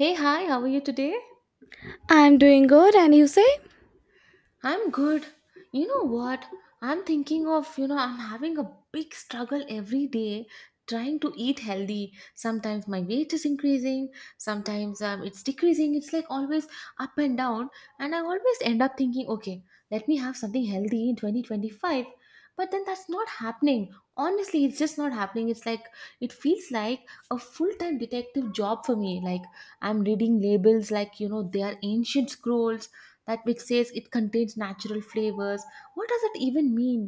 Hey, hi, how are you today? I'm doing good, and you say? I'm good. You know what? I'm thinking of, I'm having a big struggle every day trying to eat healthy. Sometimes my weight is increasing, sometimes it's decreasing. It's like always up and down. And I always end up thinking, okay, let me have something healthy in 2025. But then that's not happening. Honestly, it's just not happening. It's like, it feels like a full time detective job for me. Like, I'm reading labels like, they are ancient scrolls that which says it contains natural flavors. What does it even mean?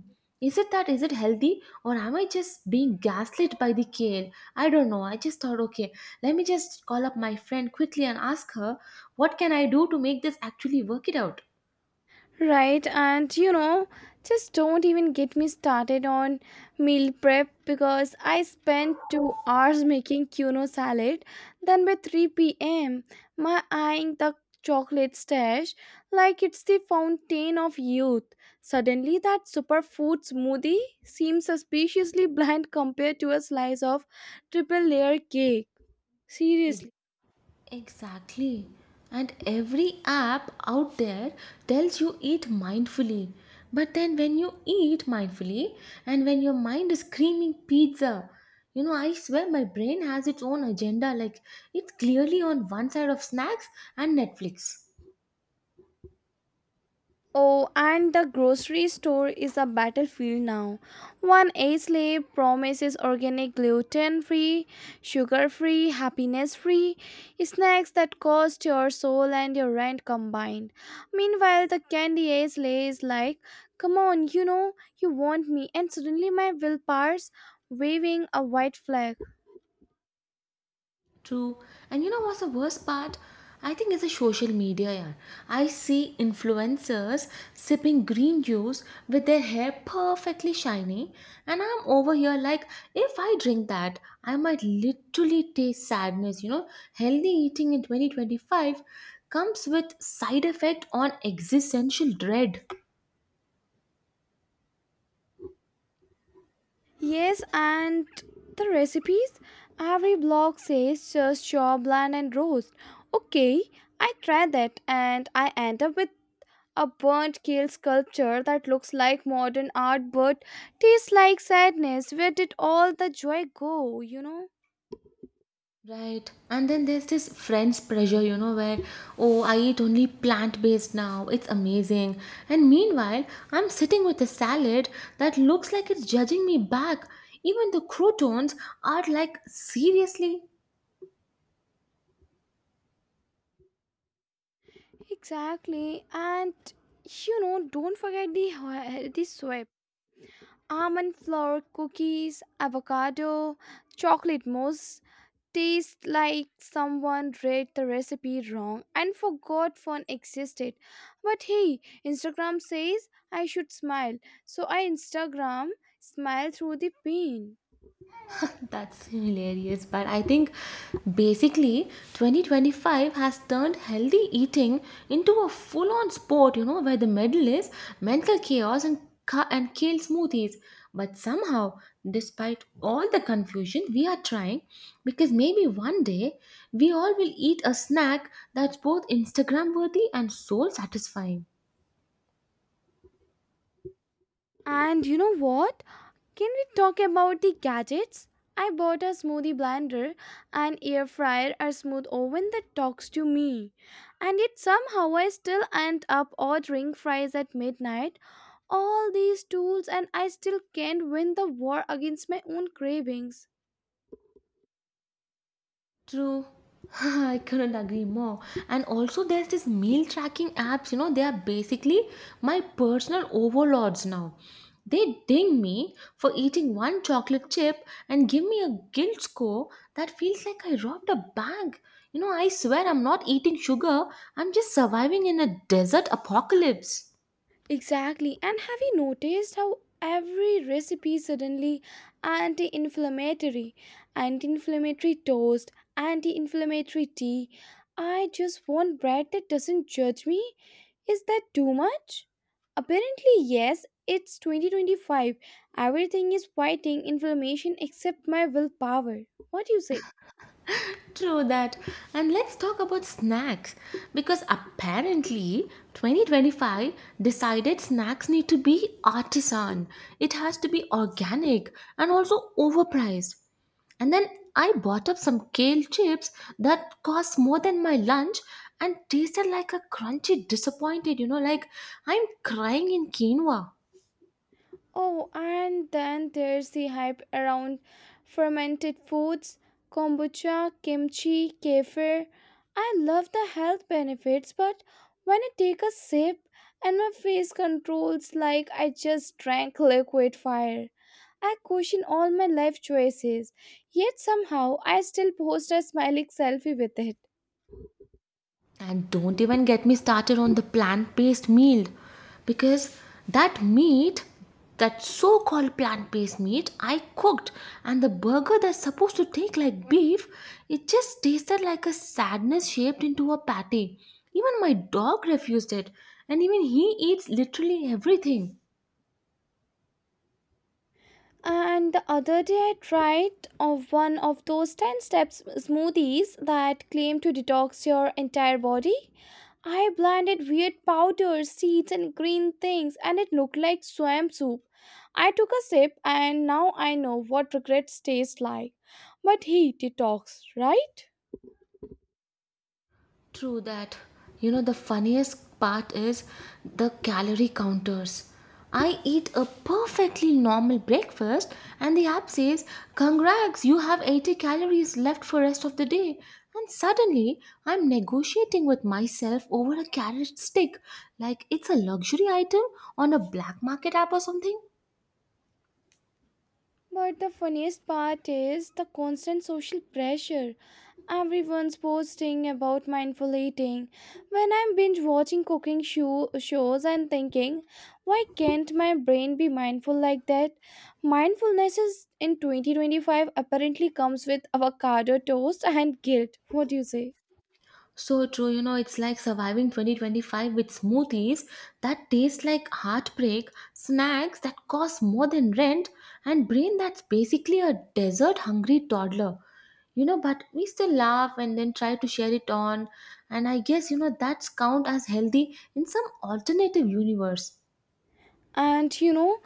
Is it that? Is it healthy? Or am I just being gaslit by the kale? I don't know, I just thought, okay, let me just call up my friend quickly and ask her what can I do to make this actually work it out. Right, and you know, just don't even get me started on meal prep because I spent 2 hours making quinoa salad. Then by 3 p.m., my eyeing the chocolate stash like it's the fountain of youth. Suddenly, that superfood smoothie seems suspiciously bland compared to a slice of triple layer cake. Seriously. Exactly. And every app out there tells you eat mindfully. But then when you eat mindfully and when your mind is screaming pizza, I swear my brain has its own agenda. Like, it's clearly on one side of snacks and Netflix. Oh, and the grocery store is a battlefield now. One age label promises organic, gluten free, sugar free, happiness free snacks that cost your soul and your rent combined. Meanwhile, the candy age label is like, come on, you know, you want me, and suddenly my willpower's waving a white flag. True. And you know what's the worst part? I think it's a social media, yeah. I see influencers sipping green juice with their hair perfectly shiny, and I'm over here like, if I drink that, I might literally taste sadness. You know, healthy eating in 2025 comes with side effect on existential dread. Yes, and the recipes? Every blog says just shop, blend, and roast. Okay, I try that and I end up with a burnt kale sculpture that looks like modern art but tastes like sadness. Where did all the joy go, you know? Right. And then there's this friends pressure, where, oh, I eat only plant based now. It's amazing. And meanwhile, I'm sitting with a salad that looks like it's judging me back. Even the croutons are like, seriously? Exactly, and you know, don't forget the, the soil. Almond flour cookies, avocado, chocolate mousse taste like someone read the recipe wrong and forgot fun existed. But hey, Instagram says I should smile, so I Instagram smile through the pain. That's hilarious. But I think basically 2025 has turned healthy eating into a full on sport, where the medal is mental chaos and, and kale smoothies. But somehow, despite all the confusion, we are trying because maybe one day we all will eat a snack that's both Instagram worthy and soul satisfying. And you know what? Can we talk about the gadgets? I bought a smoothie blender, an air fryer, a smooth oven that talks to me. And yet somehow I still end up ordering fries at midnight. All these tools, and I still can't win the war against my own cravings. True. I couldn't agree more. And also, there's this meal tracking apps, they are basically my personal overlords now. They ding me for eating one chocolate chip and give me a guilt score that feels like I robbed a bank. I swear I'm not eating sugar, I'm just surviving in a desert apocalypse. Exactly. And have you noticed how every recipe suddenly anti-inflammatory, anti-inflammatory toast, anti-inflammatory tea? I just want bread that doesn't judge me. Is that too much? Apparently, yes. It's 2025. Everything is fighting inflammation except my willpower. What do you say? True that. And let's talk about snacks because apparently 2025 decided snacks need to be artisan. It has to be organic and also overpriced. And then I bought up some kale chips that cost more than my lunch and tasted like a crunchy disappointed, like I'm crying in quinoa. Oh, and then there's the hype around fermented foods, kombucha, kimchi, kefir. I love the health benefits, but when I take a sip and my face controls like I just drank liquid fire, I question all my life choices. Yet somehow I still post a smiling selfie with it. And don't even get me started on the plant based meal because that meat, that so called plant based meat, I cooked and the burger that's supposed to taste like beef, it just tasted like a sadness shaped into a patty. Even my dog refused it, and even he eats literally everything. And the other day, I tried of one of those 10 steps smoothies that claim to detox your entire body. I blended weird powders, seeds, and green things, and it looked like swamp soup. I took a sip, and now I know what regrets taste like. But he detox, right? True that. The funniest part is the calorie counters. I eat a perfectly normal breakfast and the app says, "Congrats, you have 80 calories left for rest of the day." And suddenly, I'm negotiating with myself over a carrot stick like it's a luxury item on a black market app or something. But the funniest part is the constant social pressure. Everyone's posting about mindful eating. When I'm binge watching shows, I'm thinking, why can't my brain be mindful like that? Mindfulness is in 2025 apparently comes with avocado toast and guilt. What do you say? So true, it's like surviving 2025 with smoothies that taste like heartbreak, snacks that cost more than rent, and brain that's basically a desert hungry toddler. But we still laugh and then try to share it on, and I guess, that's count as healthy in some alternative universe. And you know,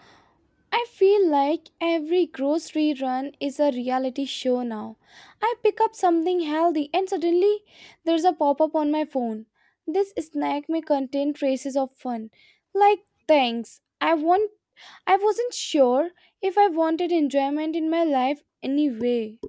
I feel like every grocery run is a reality show now. I pick up something healthy and suddenly there's a pop up on my phone. This snack may contain traces of fun. Like thanks. I wasn't sure if I wanted enjoyment in my life anyway.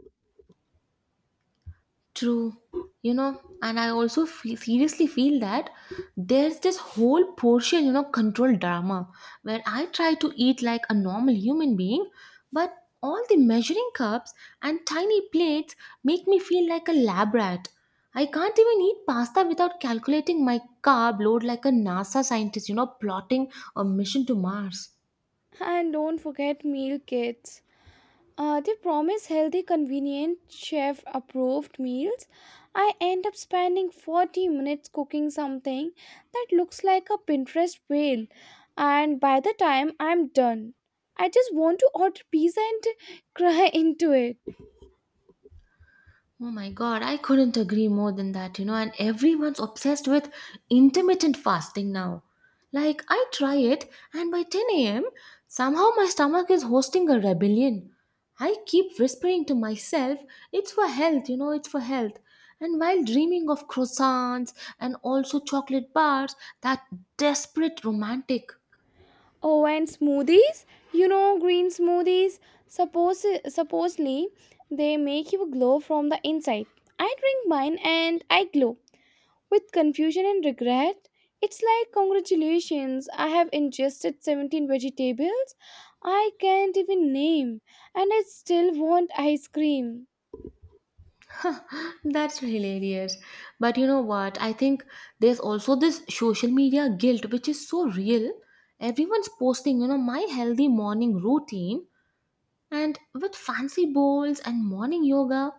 True, and I also feel, seriously feel that there's this whole portion, control drama where I try to eat like a normal human being, but all the measuring cups and tiny plates make me feel like a lab rat. I can't even eat pasta without calculating my carb load like a NASA scientist, plotting a mission to Mars. And don't forget meal kits. They promise healthy, convenient, chef approved meals. I end up spending 40 minutes cooking something that looks like a Pinterest whale, and by the time I'm done, I just want to order pizza and cry into it. Oh my god, I couldn't agree more than that, and everyone's obsessed with intermittent fasting now. Like, I try it, and by 10 a.m., somehow my stomach is hosting a rebellion. I keep whispering to myself, it's for health, it's for health. And while dreaming of croissants and also chocolate bars, that desperate romantic. Oh, and smoothies? You know, green smoothies. Supposedly they make you glow from the inside. I drink mine and I glow. With confusion and regret, it's like, congratulations, I have ingested 17 vegetables I can't even name, and I still want ice cream. That's hilarious. But you know what? I think there's also this social media guilt which is so real. Everyone's posting, my healthy morning routine and with fancy bowls and morning yoga.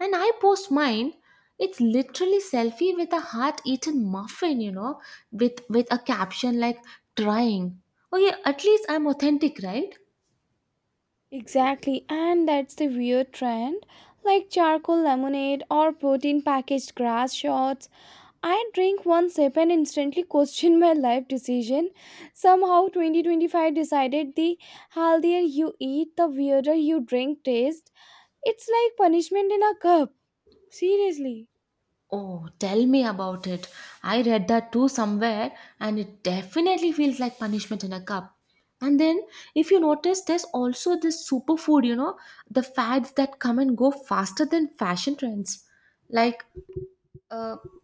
And I post mine. It's literally selfie with a heart-eaten muffin, with a caption like trying. Okay, at least I'm authentic, right? Exactly, and that's the weird trend. Like charcoal lemonade or protein packaged grass shots, I drink one sip and instantly question my life decision. Somehow, 2025 decided the healthier you eat, the weirder you drink taste. It's like punishment in a cup. Seriously. Oh, tell me about it. I read that too somewhere, and it definitely feels like punishment in a cup. And then, if you notice, there's also this superfood, the fads that come and go faster than fashion trends. Like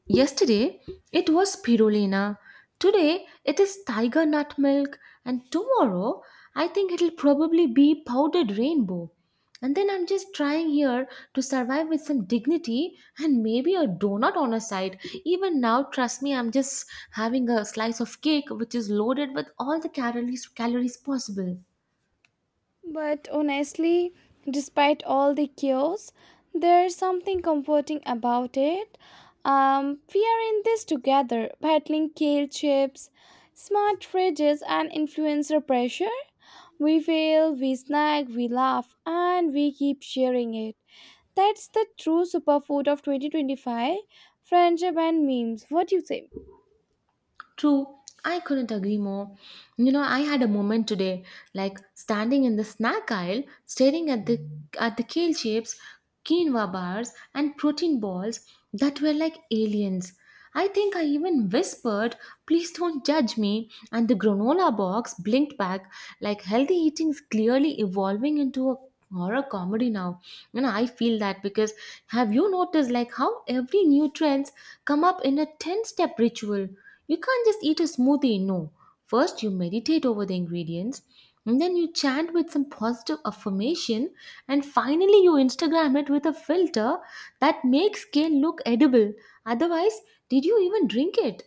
yesterday it was spirulina, today it is tiger nut milk, and tomorrow I think it'll probably be powdered rainbow. And then I'm just trying here to survive with some dignity and maybe a donut on a side. Even now, trust me, I'm just having a slice of cake which is loaded with all the calories possible. But honestly, despite all the chaos, there's something comforting about it. We are in this together, battling kale chips, smart fridges, and influencer pressure. We fail, we snack, we laugh, and we keep sharing it. That's the true superfood of 2025, friendship and memes. What do you say? True, I couldn't agree more. I had a moment today, like standing in the snack aisle, staring at the kale chips, quinoa bars, and protein balls that were like aliens. I think I even whispered, "Please don't judge me," and the granola box blinked back, like healthy eating is clearly evolving into a horror comedy now. I feel that because have you noticed like how every new trends come up in a ten-step ritual? You can't just eat a smoothie, no. First, you meditate over the ingredients, and then you chant with some positive affirmation, and finally, you Instagram it with a filter that makes kale look edible. Otherwise, did you even drink it?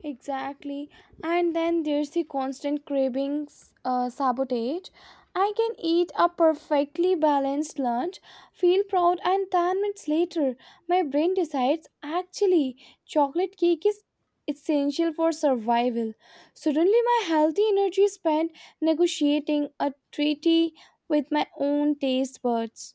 Exactly. And then there's the constant cravings sabotage. I can eat a perfectly balanced lunch, feel proud, and 10 minutes later, my brain decides actually, chocolate cake is essential for survival. Suddenly, my healthy energy is spent negotiating a treaty with my own taste buds.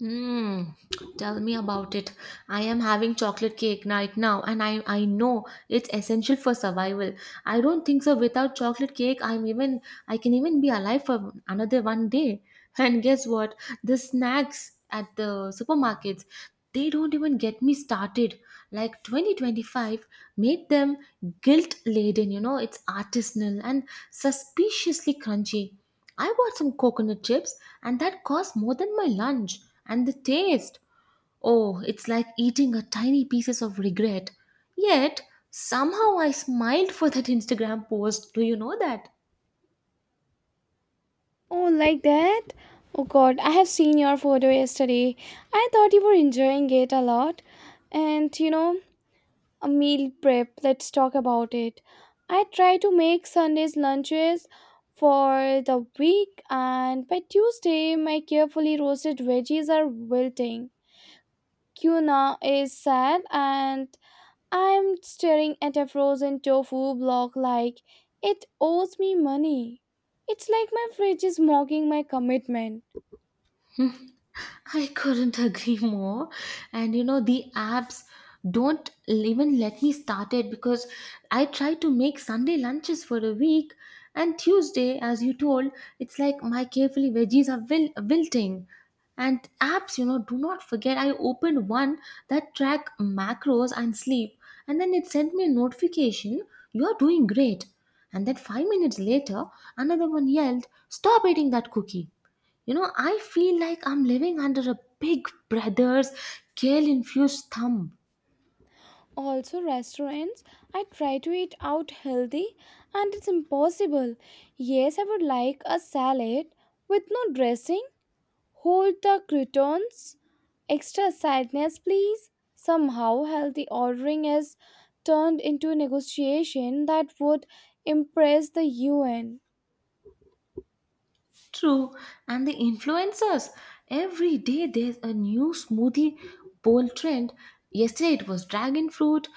Mm, tell me about it. I am having chocolate cake right now, and I know it's essential for survival. I don't think so. Without chocolate cake, I can even be alive for another one day. And guess what? The snacks at the supermarkets, they don't even get me started. Like 2025 made them guilt laden. It's artisanal and suspiciously crunchy. I bought some coconut chips and that cost more than my lunch. And the taste oh, it's like eating a tiny pieces of regret. Yet, somehow I smiled for that Instagram post. Do you know that? Oh, like that? Oh god, I have seen your photo yesterday. I thought you were enjoying it a lot. And you know, a meal prep, let's talk about it. I try to make Sunday's lunches for the week, and by Tuesday, my carefully roasted veggies are wilting. Kuna is sad, and I'm staring at a frozen tofu block like it owes me money. It's like my fridge is mocking my commitment. I couldn't agree more. And the apps don't even let me start it because I tried to make Sunday lunches for a week, and Tuesday, as you told, it's like my carefully veggies are wilting. And apps, do not forget. I opened one that track macros and sleep, and then it sent me a notification you are doing great. And then 5 minutes later, another one yelled, Stop eating that cookie. I feel like I'm living under a big brother's kale infused thumb. Also, restaurants, I try to eat out healthy and it's impossible. Yes, I would like a salad with no dressing, whole the croutons, extra sadness, please. Somehow, healthy ordering has turned into a negotiation that would impress the UN. True. And the influencers. Every day there's a new smoothie bowl trend. Yesterday it was dragon fruit,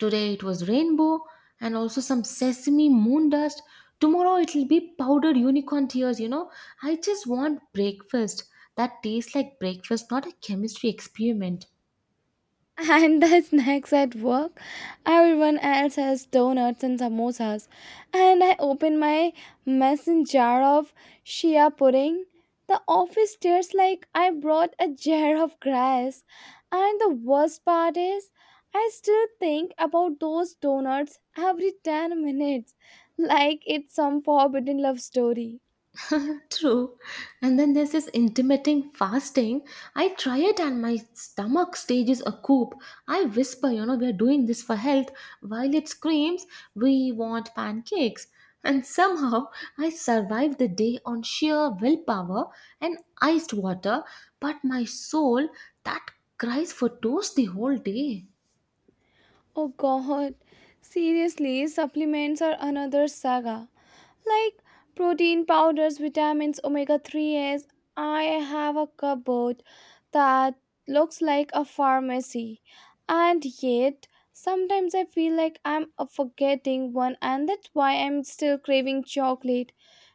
today it was rainbow, and also some sesame moon dust. Tomorrow it'll be powdered unicorn tears. I just want breakfast that tastes like breakfast, not a chemistry experiment. And the snacks at work. Everyone else has donuts and samosas. And I open my mason jar of shia pudding. The office stares like I brought a jar of grass. And the worst part is, I still think about those donuts every 10 minutes. Like it's some forbidden love story. True. And then there's this intermittent fasting. I try it and my stomach stages a coup. I whisper, we are doing this for health, while it screams, we want pancakes. And somehow I survived the day on sheer willpower and iced water, but my soul that cries for toast the whole day. Oh god. Seriously, supplements are another saga. Like protein powders, vitamins, omega 3s. I have a cupboard that looks like a pharmacy, and yet sometimes I feel like I'm forgetting one, and that's why I'm still craving chocolate.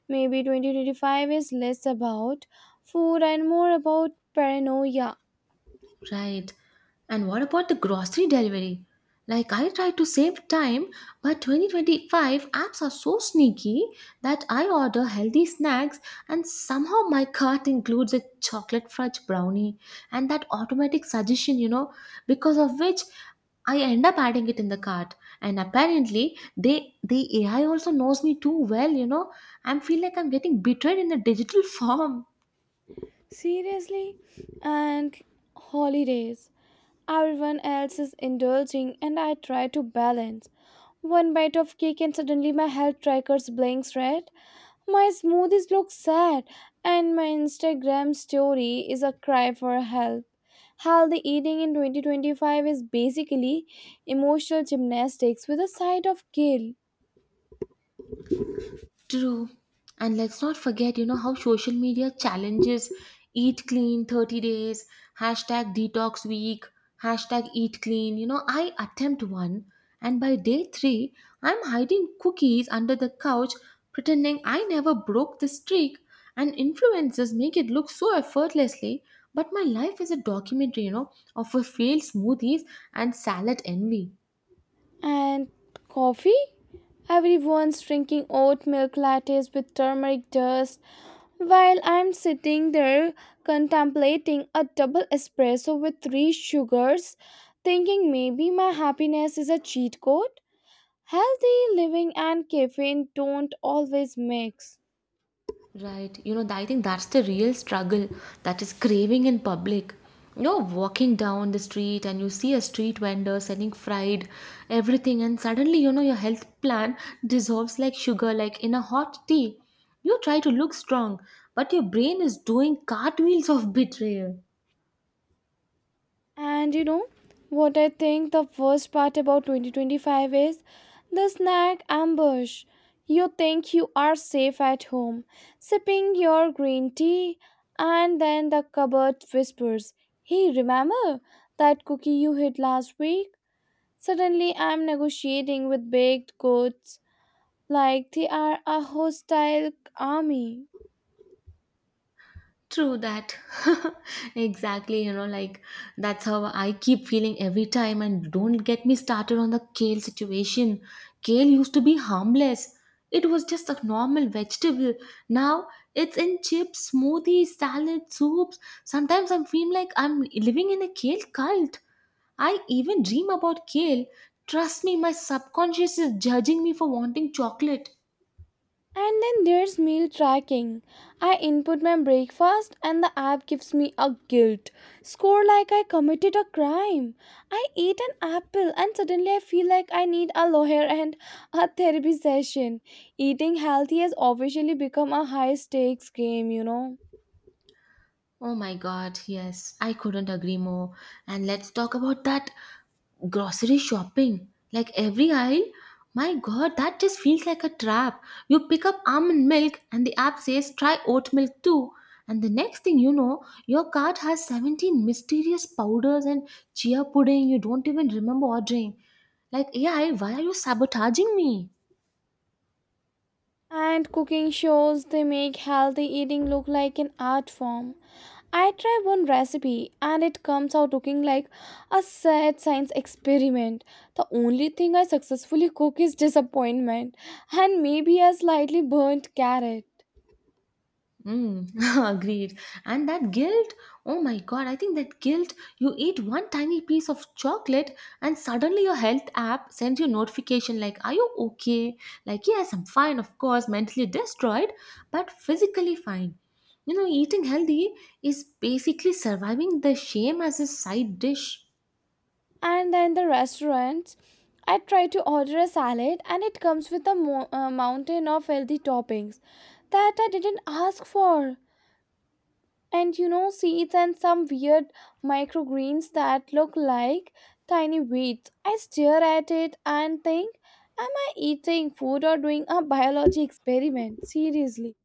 Maybe 2025 is less about food and more about paranoia. Right. And what about the grocery delivery? Like, I try to save time, but 2025 apps are so sneaky that I order healthy snacks and somehow my cart includes a chocolate fudge brownie and that automatic suggestion, because of which I end up adding it in the cart. And apparently, the AI also knows me too well. I am feel like I'm getting betrayed in a digital form. Seriously, and holidays. Everyone else is indulging, and I try to balance. One bite of cake, and suddenly my health trackers blinks red. My smoothies look sad, and my Instagram story is a cry for help. Healthy eating in 2025 is basically emotional gymnastics with a side of guilt. True. And let's not forget, how social media challenges eat clean 30 days, hashtag detox week, hashtag eat clean. I attempt one, and by day three, I'm hiding cookies under the couch, pretending I never broke the streak. And influencers make it look so effortlessly, but my life is a documentary, of a failed smoothies and salad envy. And coffee? Everyone's drinking oat milk lattes with turmeric dust, while I'm sitting there contemplating a double espresso with three sugars, thinking maybe my happiness is a cheat code, healthy living and caffeine don't always mix. Right. I think that's the real struggle that is craving in public. You're walking down the street and you see a street vendor selling fried everything, and suddenly, your health plan dissolves like sugar, like in a hot tea. You try to look strong, but your brain is doing cartwheels of betrayal. And you know what I think the worst part about 2025 is? The snack ambush. You think you are safe at home, sipping your green tea, and then the cupboard whispers, hey, remember that cookie you hid last week? Suddenly, I'm negotiating with baked goods like they are a hostile army. True that. Exactly, you know, like that's how I keep feeling every time. And don't get me started on the kale situation. Kale used to be harmless, it was just a normal vegetable. Now it's in chips, smoothies, salad, soups. Sometimes I feel like I'm living in a kale cult. I even dream about kale. Trust me, my subconscious is judging me for wanting chocolate. And then there's meal tracking. I input my breakfast and the app gives me a guilt score like I committed a crime. I eat an apple and suddenly I feel like I need a lawyer and a therapy session. Eating healthy has officially become a high stakes game, you know. Oh my God, yes, I couldn't agree more. And let's talk about that grocery shopping. Like every aisle, my God, that just feels like a trap. You pick up almond milk and the app says try oat milk too, and the next thing you know your cart has 17 mysterious powders and chia pudding you don't even remember ordering. Like, AI, why are you sabotaging me? And cooking shows, they make healthy eating look like an art form. I try one recipe and it comes out looking like a sad science experiment. The only thing I successfully cook is disappointment and maybe a slightly burnt carrot. Mm, agreed. And that guilt, oh my God, I think that guilt, you eat one tiny piece of chocolate and suddenly your health app sends you notification like, are you okay? Like, yes, I'm fine, of course, mentally destroyed, but physically fine. You know, eating healthy is basically surviving the shame as a side dish. And then the restaurants, I try to order a salad and it comes with a mountain of healthy toppings that I didn't ask for. And you know, seeds and some weird microgreens that look like tiny weeds. I stare at it and think, am I eating food or doing a biology experiment? Seriously.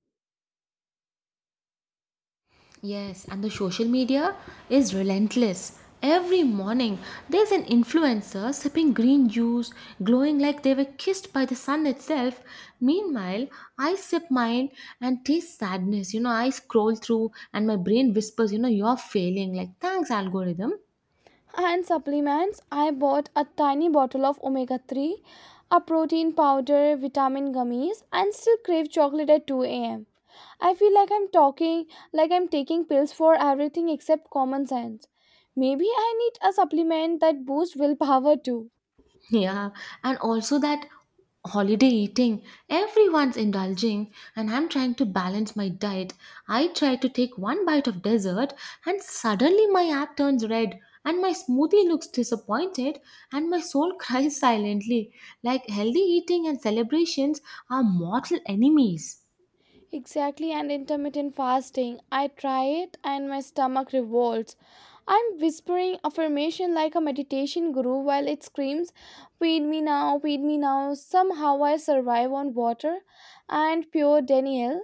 Yes, and the social media is relentless. Every morning, there's an influencer sipping green juice, glowing like they were kissed by the sun itself. Meanwhile, I sip mine and taste sadness. You know, I scroll through and my brain whispers, you know, you're failing. Like, thanks, algorithm. And supplements, I bought a tiny bottle of omega 3, a protein powder, vitamin gummies, and still crave chocolate at 2 a.m. I feel like I'm talking, Like I'm taking pills for everything except common sense. Maybe I need a supplement that boosts willpower too. Yeah, and also that holiday eating, everyone's indulging, and I'm trying to balance my diet. I try to take one bite of dessert, and suddenly my app turns red, and my smoothie looks disappointed, and my soul cries silently. Like, healthy eating and celebrations are mortal enemies. Exactly, and intermittent fasting. I try it and my stomach revolts. I'm whispering affirmation like a meditation guru while it screams, feed me now, feed me now. Somehow I survive on water and pure Daniel,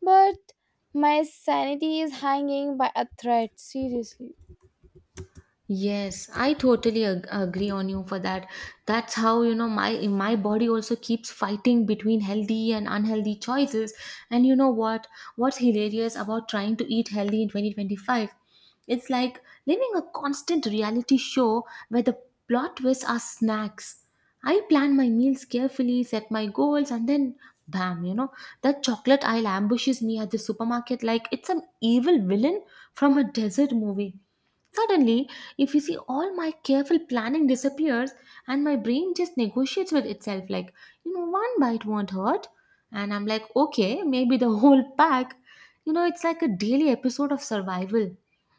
but my sanity is hanging by a thread, seriously. Yes, I totally agree on you for that. That's how you know my body also keeps fighting between healthy and unhealthy choices. And you know what? What's hilarious about trying to eat healthy in 2025? It's like living a constant reality show where the plot twists are snacks. I plan my meals carefully, set my goals, and then bam, you know, that chocolate aisle ambushes me at the supermarket like it's an evil villain from a desert movie. Suddenly, if you see, all my careful planning disappears and my brain just negotiates with itself like, you know, one bite won't hurt. And I'm like, okay, maybe the whole pack. You know, it's like a daily episode of survival.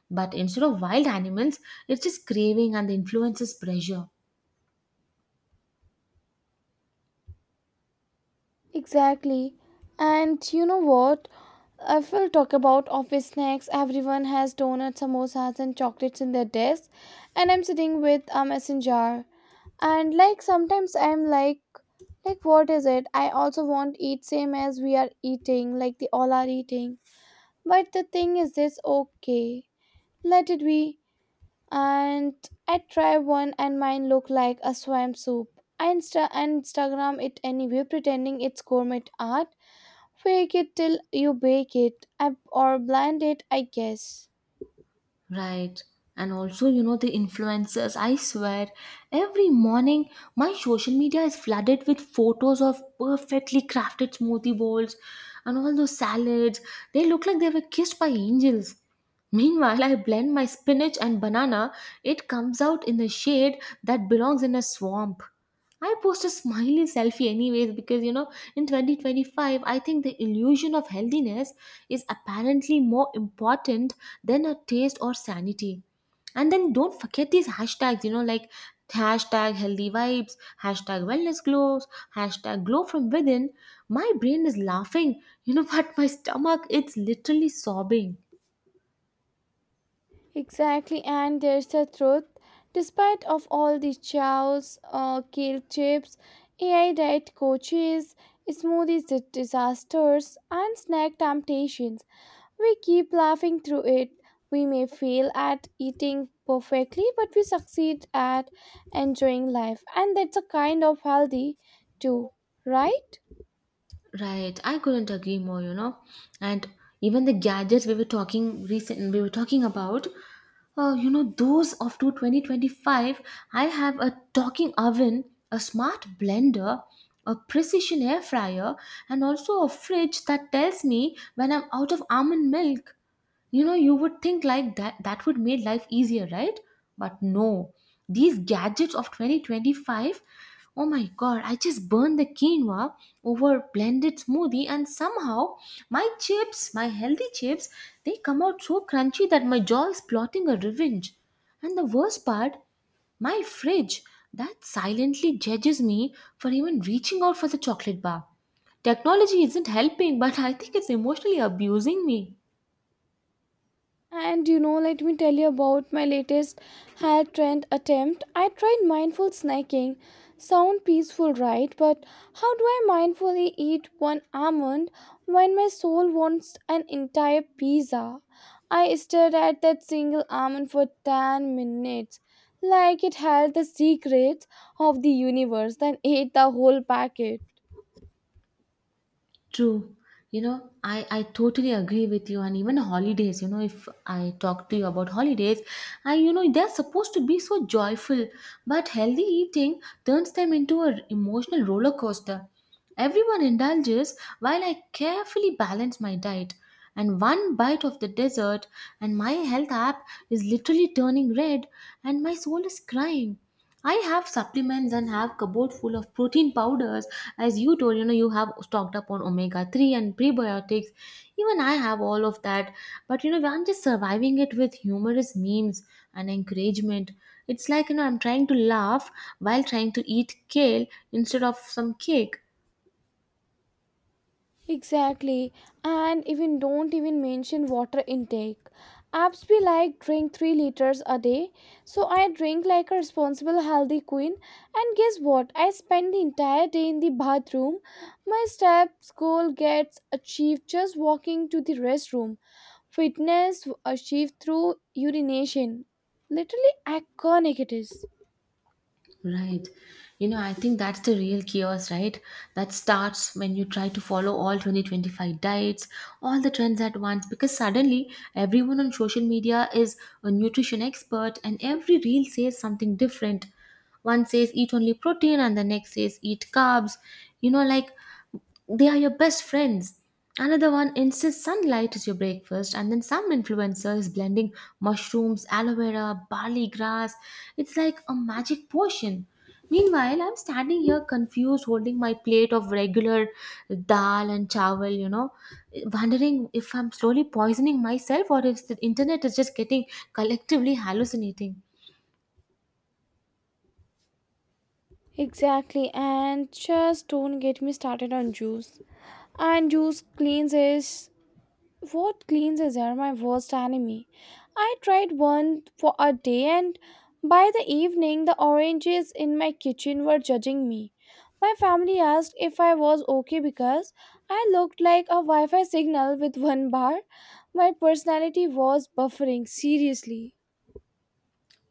But instead of wild animals, it's just craving and the influences pressure. Exactly. And you know what? If we'll talk about office snacks, everyone has donuts, samosas, and chocolates in their desk, and I'm sitting with a messenger. And like sometimes I'm like what is it? I also want eat same as we are eating, like the all are eating. But the thing is this okay? Let it be. And I try one, and mine look like a swam soup. I Instagram it anyway, pretending it's gourmet art. Fake it till you bake it, or blend it, I guess. Right. And also, you know, the influencers, I swear, every morning my social media is flooded with photos of perfectly crafted smoothie bowls and all those salads. They look like they were kissed by angels. Meanwhile, I blend my spinach and banana, it comes out in the shade that belongs in a swamp. I post a smiley selfie anyways, because you know, in 2025, I think the illusion of healthiness is apparently more important than a taste or sanity. And then don't forget these hashtags, you know, like hashtag healthy vibes, hashtag wellness glows, hashtag glow from within. My brain is laughing, you know, but my stomach, it's literally sobbing. Exactly, and there's the truth. Despite of all the chows, kale chips, AI diet coaches, disasters, and snack temptations, we keep laughing through it. We may fail at eating perfectly, but we succeed at enjoying life, and that's a kind of healthy too, right? Right, I couldn't agree more, you know. And even the gadgets we were talking about, you know, those of to 2025, I have a talking oven, a smart blender, a precision air fryer, and also a fridge that tells me when I'm out of almond milk. You know, you would think like that would make life easier, right? But no, these gadgets of 2025, oh my God, I just burned the quinoa, over blended smoothie, and somehow my healthy chips, they come out so crunchy that my jaw is plotting a revenge. And the worst part, my fridge that silently judges me for even reaching out for the chocolate bar. Technology isn't helping, but I think it's emotionally abusing me. And you know, let me tell you about my latest hair trend attempt. I tried mindful snacking. Sound peaceful, right? But how do I mindfully eat one almond when my soul wants an entire pizza? I stared at that single almond for 10 minutes, like it held the secrets of the universe, then ate the whole packet. True. You know, I totally agree with you. And even holidays, you know, if I talk to you about holidays, I, you know, they're supposed to be so joyful, but healthy eating turns them into an emotional roller coaster. Everyone indulges while I carefully balance my diet. And one bite of the dessert, and my health app is literally turning red, and my soul is crying. I have supplements and have cupboard full of protein powders. As you told, you know, you have stocked up on omega 3 and prebiotics. Even I have all of that. But, you know, I'm just surviving it with humorous memes and encouragement. It's like, you know, I'm trying to laugh while trying to eat kale instead of some cake. Exactly, and even don't even mention water intake. Apps be like drink 3 liters a day, so I drink like a responsible healthy queen. And guess what? I spend the entire day in the bathroom. My steps goal gets achieved just walking to the restroom. Fitness achieved through urination. Literally iconic it is. Right. You know, I think that's the real chaos, right? That starts when you try to follow all 2025 diets, all the trends at once, because suddenly everyone on social media is a nutrition expert and every reel says something different. One says eat only protein, and the next says eat carbs. You know, like they are your best friends. Another one insists sunlight is your breakfast, and then some influencer is blending mushrooms, aloe vera, barley grass. It's like a magic potion. Meanwhile, I'm standing here confused, holding my plate of regular dal and chawal, you know, wondering if I'm slowly poisoning myself or if the internet is just getting collectively hallucinating. Exactly, and just don't get me started on juice and juice cleanses. What cleansers are my worst enemy. I tried one for a day, and by the evening, the oranges in my kitchen were judging me. My family asked if I was okay because I looked like a Wi Fi signal with one bar. My personality was buffering, seriously.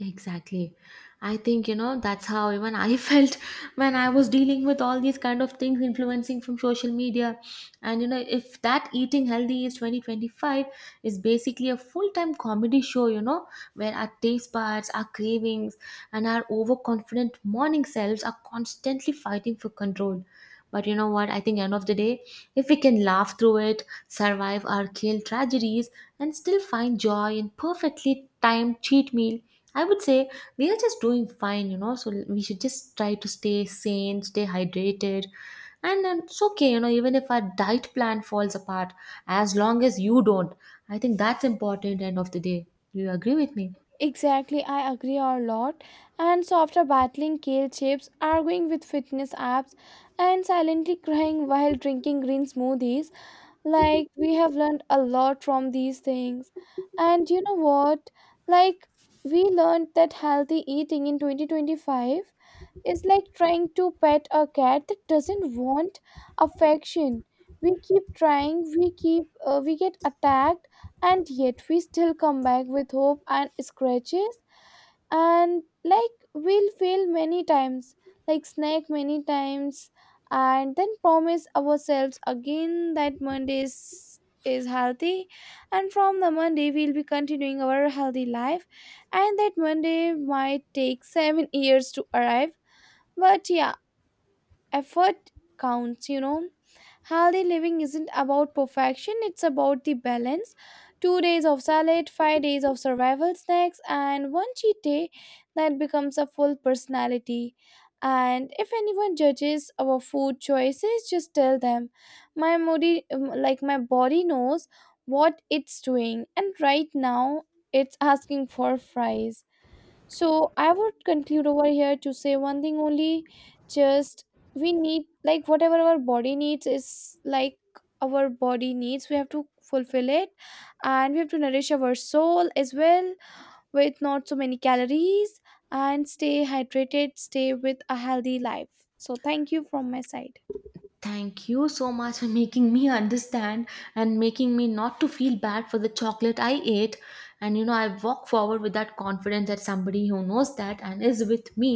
Exactly. I think, you know, that's how even I felt when I was dealing with all these kind of things influencing from social media. And, you know, if that Eating Healthy is 2025, is basically a full time comedy show, you know, where our taste buds, our cravings, and our overconfident morning selves are constantly fighting for control. But you know what? I think end of the day, if we can laugh through it, survive our kale tragedies, and still find joy in perfectly timed cheat meal, I would say we are just doing fine, you know. So we should just try to stay sane, stay hydrated, and then it's okay, you know. Even if our diet plan falls apart, as long as you don't, I think that's important. End of the day, do you agree with me? Exactly, I agree a lot. And so after battling kale chips, arguing with fitness apps, and silently crying while drinking green smoothies, like, we have learned a lot from these things. And you know what? Like, we learned that healthy eating in 2025 is like trying to pet a cat that doesn't want affection. We keep trying, we get attacked, and yet we still come back with hope and scratches, and like we'll fail many times, like snake many times, and then promise ourselves again that Monday's is healthy, and from the Monday we'll be continuing our healthy life. And that Monday might take 7 years to arrive, but yeah, effort counts, you know. Healthy living isn't about perfection, it's about the balance. 2 days of salad, 5 days of survival snacks, and one cheat day that becomes a full personality. And if anyone judges our food choices, just tell them. My body, like my body knows what it's doing, and right now it's asking for fries. So I would conclude over here to say one thing only, just we need, like whatever our body needs is like our body needs, we have to fulfill it, and we have to nourish our soul as well with not so many calories, and stay hydrated, stay with a healthy life. So thank you from my side. Thank you so much for making me understand and making me not to feel bad for the chocolate I ate. And you know, I walk forward with that confidence that somebody who knows that and is with me